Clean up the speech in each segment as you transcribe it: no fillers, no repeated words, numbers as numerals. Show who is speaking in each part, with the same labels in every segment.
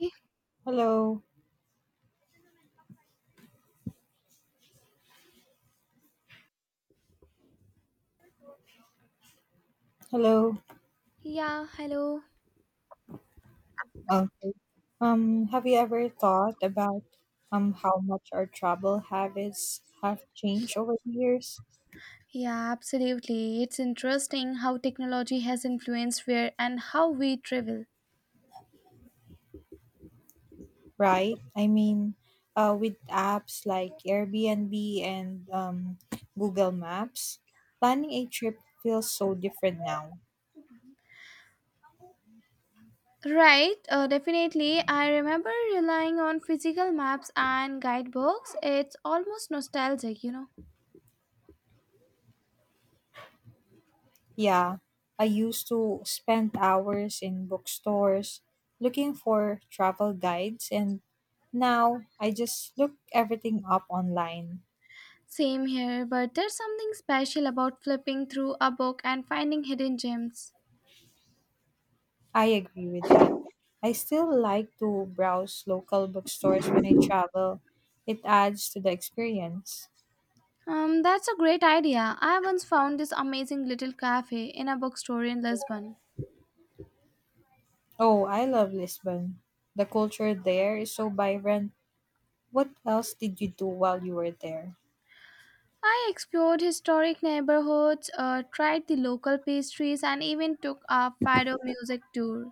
Speaker 1: Eh,
Speaker 2: Hello, hello.
Speaker 1: Yeah, hello.
Speaker 2: Um, have you ever thought about how much our travel habits have changed over the years?
Speaker 1: Yeah, absolutely. It's interesting how technology has influenced where and how we travel.
Speaker 2: Right? I mean, with apps like Airbnb and Google Maps, planning a trip feels so different now.
Speaker 1: Right, definitely. I remember relying on physical maps and guidebooks. It's almost nostalgic, you know.
Speaker 2: Yeah, I used to spend hours in bookstores looking for travel guides, and now I just look everything up online.
Speaker 1: Same here, but there's something special about flipping through a book and finding hidden gems.
Speaker 2: I agree with that. I still like to browse local bookstores when I travel. It adds to the experience.
Speaker 1: That's a great idea. I once found this amazing little cafe in a bookstore in Lisbon.
Speaker 2: Oh, I love Lisbon. The culture there is so vibrant. What else did you do while you were there?
Speaker 1: I explored historic neighborhoods, tried the local pastries, and even took a Fado music tour.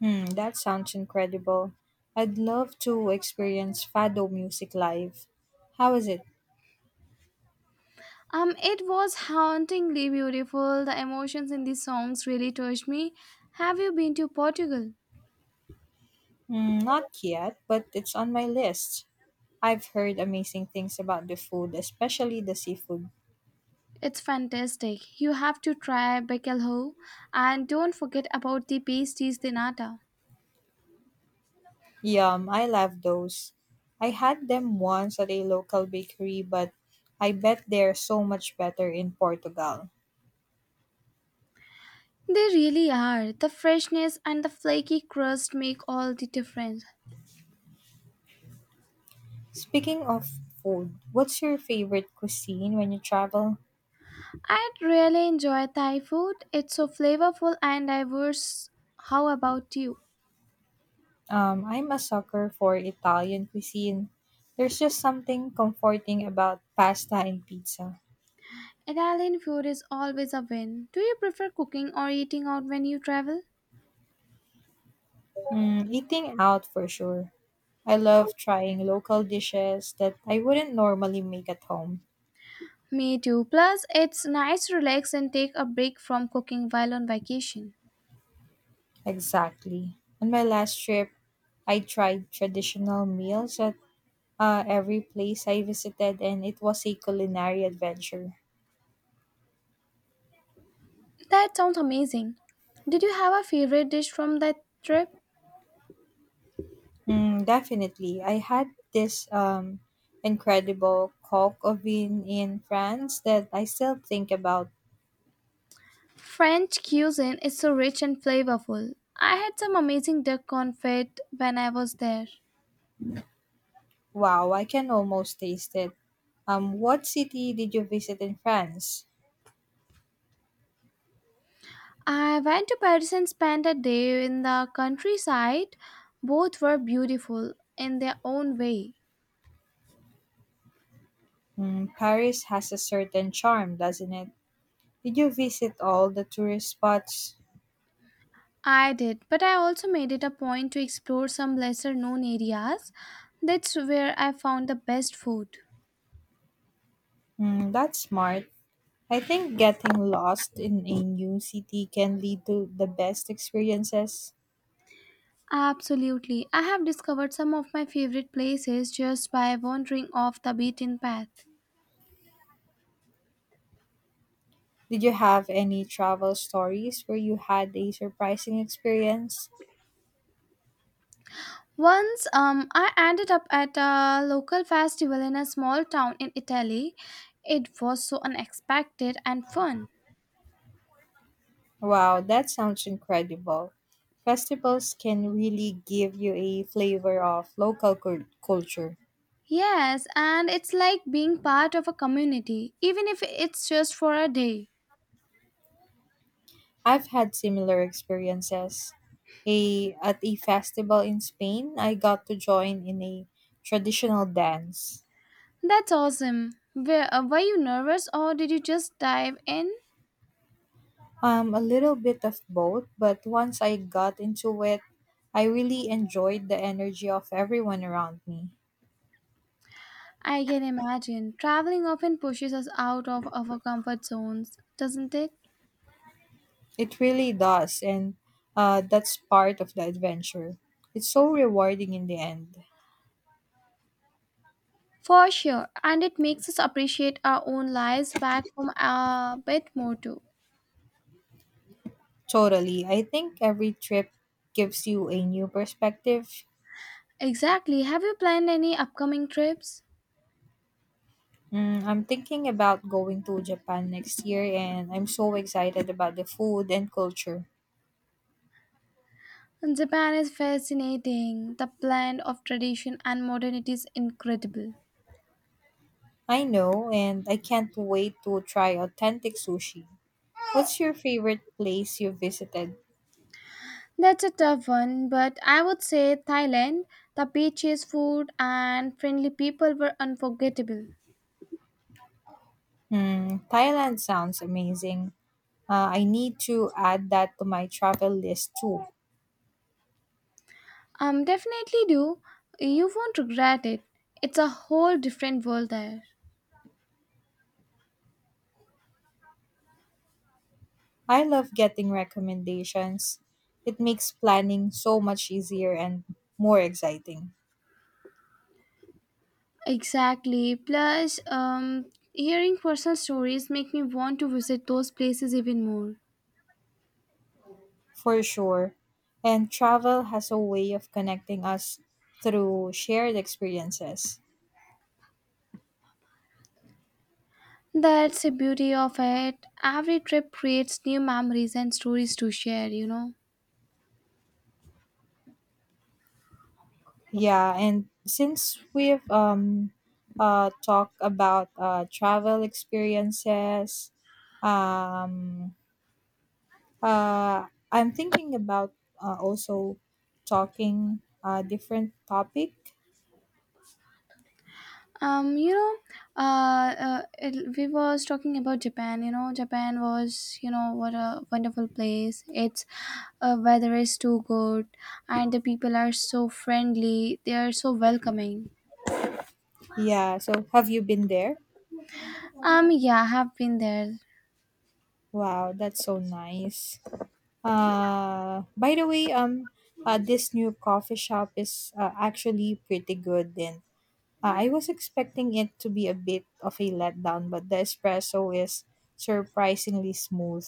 Speaker 2: Hmm, that sounds incredible. I'd love to experience Fado music live. How is it?
Speaker 1: It was hauntingly beautiful. The emotions in these songs really touched me. Have you been to Portugal?
Speaker 2: Hmm, not yet, but it's on my list. I've heard amazing things about the food, especially the seafood.
Speaker 1: It's fantastic. You have to try bacalhau, and don't forget about the pastries de nata.
Speaker 2: Yum, I love those. I had them once at a local bakery, but I bet they're so much better in Portugal.
Speaker 1: They really are. The freshness and the flaky crust make all the difference.
Speaker 2: Speaking of food, what's your favorite cuisine when you travel?
Speaker 1: I'd really enjoy Thai food. It's so flavorful and diverse. How about you?
Speaker 2: I'm a sucker for Italian cuisine. There's just something comforting about pasta and pizza.
Speaker 1: Italian food is always a win. Do you prefer cooking or eating out when you travel?
Speaker 2: Eating out for sure. I love trying local dishes that I wouldn't normally make at home.
Speaker 1: Me too. Plus, it's nice to relax and take a break from cooking while on vacation.
Speaker 2: Exactly. On my last trip, I tried traditional meals at every place I visited, and it was a culinary adventure.
Speaker 1: That sounds amazing. Did you have a favorite dish from that trip?
Speaker 2: Definitely. I had this incredible coq au vin in France that I still think about.
Speaker 1: French cuisine is so rich and flavorful. I had some amazing duck confit when I was there.
Speaker 2: Wow, I can almost taste it. What city did you visit in France?
Speaker 1: I went to Paris and spent a day in the countryside. Both were beautiful in their own way.
Speaker 2: Paris has a certain charm, doesn't it? Did you visit all the tourist spots?
Speaker 1: I did, but I also made it a point to explore some lesser known areas. That's where I found the best food.
Speaker 2: That's smart. I think getting lost in a new city can lead to the best experiences.
Speaker 1: Absolutely. I have discovered some of my favorite places just by wandering off the beaten path.
Speaker 2: Did you have any travel stories where you had a surprising experience?
Speaker 1: Once I ended up at a local festival in a small town in Italy. It was so unexpected and fun.
Speaker 2: Wow, that sounds incredible. Festivals can really give you a flavor of local culture.
Speaker 1: Yes, and it's like being part of a community, even if it's just for a day.
Speaker 2: I've had similar experiences. At a festival in Spain, I got to join in a traditional dance.
Speaker 1: That's awesome. Were you nervous or did you just dive in?
Speaker 2: A little bit of both, but once I got into it, I really enjoyed the energy of everyone around me.
Speaker 1: I can imagine. Traveling often pushes us out of our comfort zones, doesn't it?
Speaker 2: It really does, and that's part of the adventure. It's so rewarding in the end.
Speaker 1: For sure, and it makes us appreciate our own lives back from a bit more too.
Speaker 2: Totally. I think every trip gives you a new perspective.
Speaker 1: Exactly. Have you planned any upcoming trips?
Speaker 2: I'm thinking about going to Japan next year, and I'm so excited about the food and culture.
Speaker 1: Japan is fascinating. The blend of tradition and modernity is incredible.
Speaker 2: I know, and I can't wait to try authentic sushi. What's your favorite place you visited?
Speaker 1: That's a tough one, but I would say Thailand. The beaches, food, and friendly people were unforgettable.
Speaker 2: Hmm, Thailand sounds amazing. I need to add that to my travel list too.
Speaker 1: Definitely do. You won't regret it. It's a whole different world there.
Speaker 2: I love getting recommendations. It makes planning so much easier and more exciting,
Speaker 1: Exactly. Plus, hearing personal stories make me want to visit those places even more.
Speaker 2: for sure. And travel has a way of connecting us through shared experiences.
Speaker 1: That's the beauty of it. Every trip creates new memories and stories to share, you know.
Speaker 2: Yeah, and since we've talked about travel experiences, um I'm thinking about also talking a different topic.
Speaker 1: um you know we was talking about Japan, you know, Japan was, you know, what a wonderful place. Its weather is too good, and the people are so friendly, they are so welcoming.
Speaker 2: Yeah, so have you been there?
Speaker 1: Yeah, I have been there.
Speaker 2: Wow, that's so nice. By the way, this new coffee shop is actually pretty good, and I was expecting it to be a bit of a letdown, but the espresso is surprisingly smooth.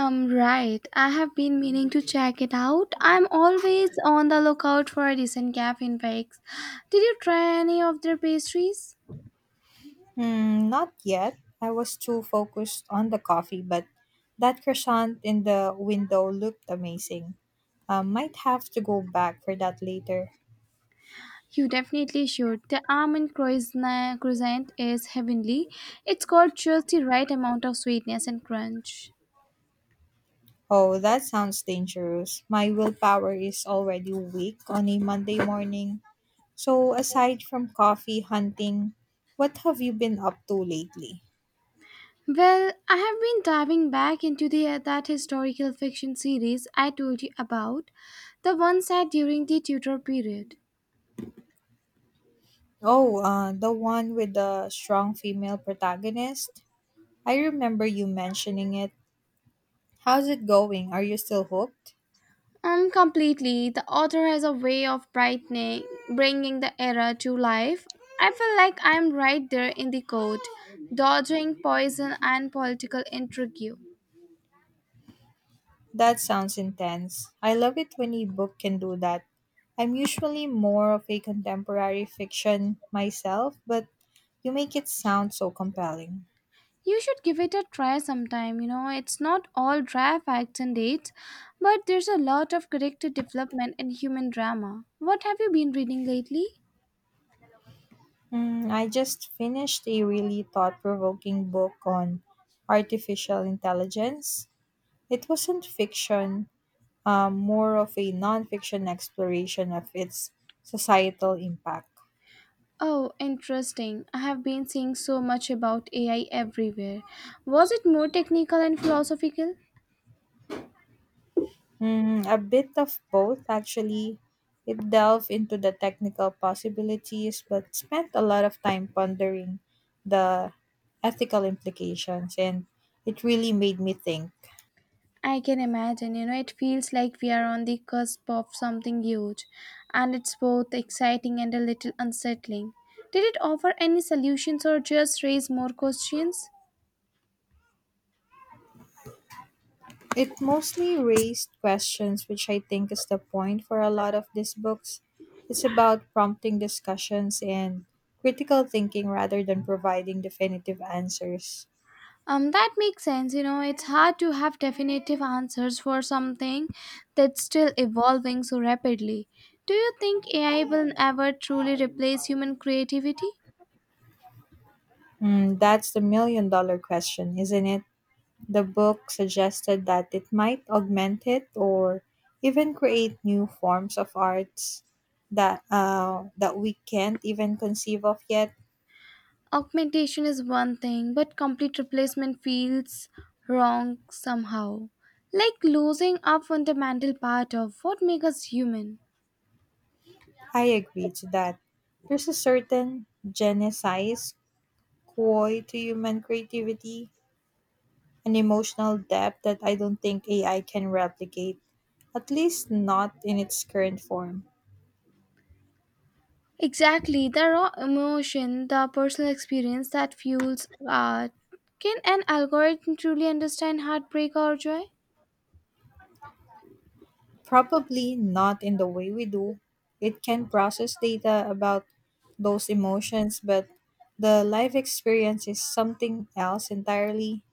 Speaker 1: Right, I have been meaning to check it out. I'm always on the lookout for a decent cafe in bakes. Did you try any of their pastries?
Speaker 2: Hmm, not yet. I was too focused on the coffee, but that croissant in the window looked amazing. I might have to go back for that later.
Speaker 1: You definitely should. The almond croissant is heavenly. It's got just the right amount of sweetness and crunch.
Speaker 2: Oh, that sounds dangerous. My willpower is already weak on a Monday morning. So, aside from coffee hunting, what have you been up to lately?
Speaker 1: Well, I have been diving back into the that historical fiction series I told you about, the one set during the Tudor period.
Speaker 2: Oh, the one with the strong female protagonist? I remember you mentioning it. How's it going? Are you still hooked?
Speaker 1: Completely. The author has a way of bringing the era to life. I feel like I'm right there in the court, dodging poison and political intrigue.
Speaker 2: That sounds intense. I love it when a book can do that. I'm usually more of a contemporary fiction myself, but you make it sound so compelling.
Speaker 1: You should give it a try sometime. You know, it's not all dry facts and dates, but there's a lot of character development and human drama. What have you been reading lately?
Speaker 2: I just finished a really thought provoking book on artificial intelligence. It wasn't fiction, more of a nonfiction exploration of its societal impact.
Speaker 1: Oh, interesting. I have been seeing so much about AI everywhere. Was it more technical and philosophical?
Speaker 2: A bit of both, actually. It delved into the technical possibilities, but spent a lot of time pondering the ethical implications, and it really made me think.
Speaker 1: I can imagine, you know, it feels like we are on the cusp of something huge, and it's both exciting and a little unsettling. Did it offer any solutions or just raise more questions?
Speaker 2: It mostly raised questions, which I think is the point for a lot of these books. It's about prompting discussions and critical thinking rather than providing definitive answers.
Speaker 1: That makes sense. You know, it's hard to have definitive answers for something that's still evolving so rapidly. Do you think AI will ever truly replace human creativity?
Speaker 2: Hmm, that's the million dollar question, isn't it? The book suggested that it might augment it or even create new forms of arts that we can't even conceive of yet.
Speaker 1: Augmentation is one thing, but complete replacement feels wrong somehow. Like losing a fundamental part of what makes us human.
Speaker 2: I agree to that. There's a certain genesize coy to human creativity, an emotional depth that I don't think AI can replicate, at least not in its current form.
Speaker 1: Exactly, the raw emotion, the personal experience that fuels art. Can an algorithm truly understand heartbreak or joy?
Speaker 2: Probably not in the way we do. It can process data about those emotions, but the life experience is something else entirely.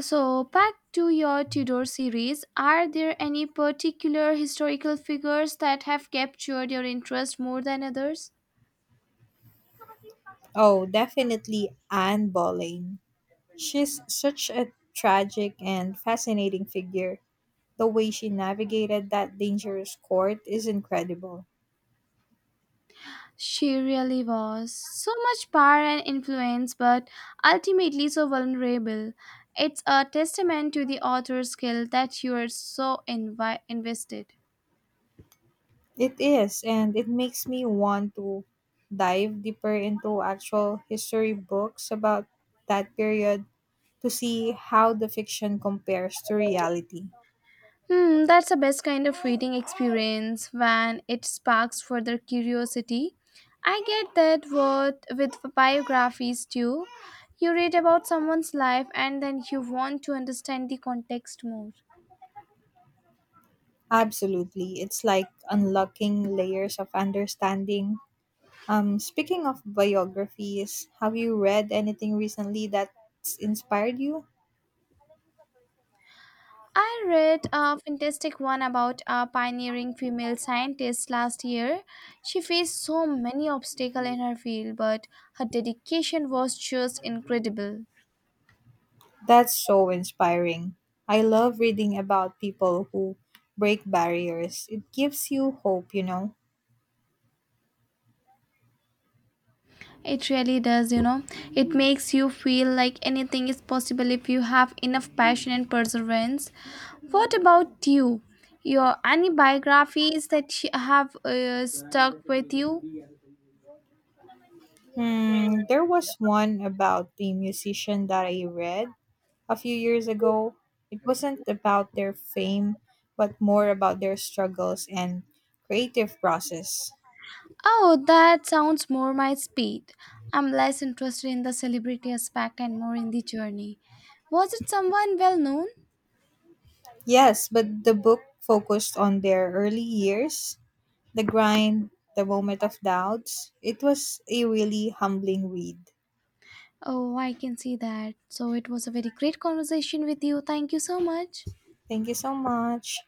Speaker 1: So, back to your Tudor series, are there any particular historical figures that have captured your interest more than others?
Speaker 2: Oh, definitely Anne Boleyn. She's such a tragic and fascinating figure. The way she navigated that dangerous court is incredible.
Speaker 1: She really was. So much power and influence, but ultimately so vulnerable. It's a testament to the author's skill that you are so invested.
Speaker 2: It is, and it makes me want to dive deeper into actual history books about that period to see how the fiction compares to reality.
Speaker 1: Hmm, that's the best kind of reading experience when it sparks further curiosity. I get that what with biographies too. You read about someone's life and then you want to understand the context more.
Speaker 2: Absolutely. It's like unlocking layers of understanding. Speaking of biographies, have you read anything recently that's inspired you?
Speaker 1: I read a fantastic one about a pioneering female scientist last year. She faced so many obstacles in her field, but her dedication was just incredible.
Speaker 2: That's so inspiring. I love reading about people who break barriers. It gives you hope.
Speaker 1: It really does, you know. It makes you feel like anything is possible if you have enough passion and perseverance. What about you? Your any biographies that you have stuck with you?
Speaker 2: Hmm, there was one about the musician that I read a few years ago. It wasn't about their fame, but more about their struggles and creative process.
Speaker 1: Oh, that sounds more my speed. I'm less interested in the celebrity aspect and more in the journey. Was it someone well known?
Speaker 2: Yes, but the book focused on their early years, the grind, the moment of doubts. It was a really humbling read.
Speaker 1: Oh, I can see that. So it was a very great conversation with you. Thank you so much.
Speaker 2: Thank you so much.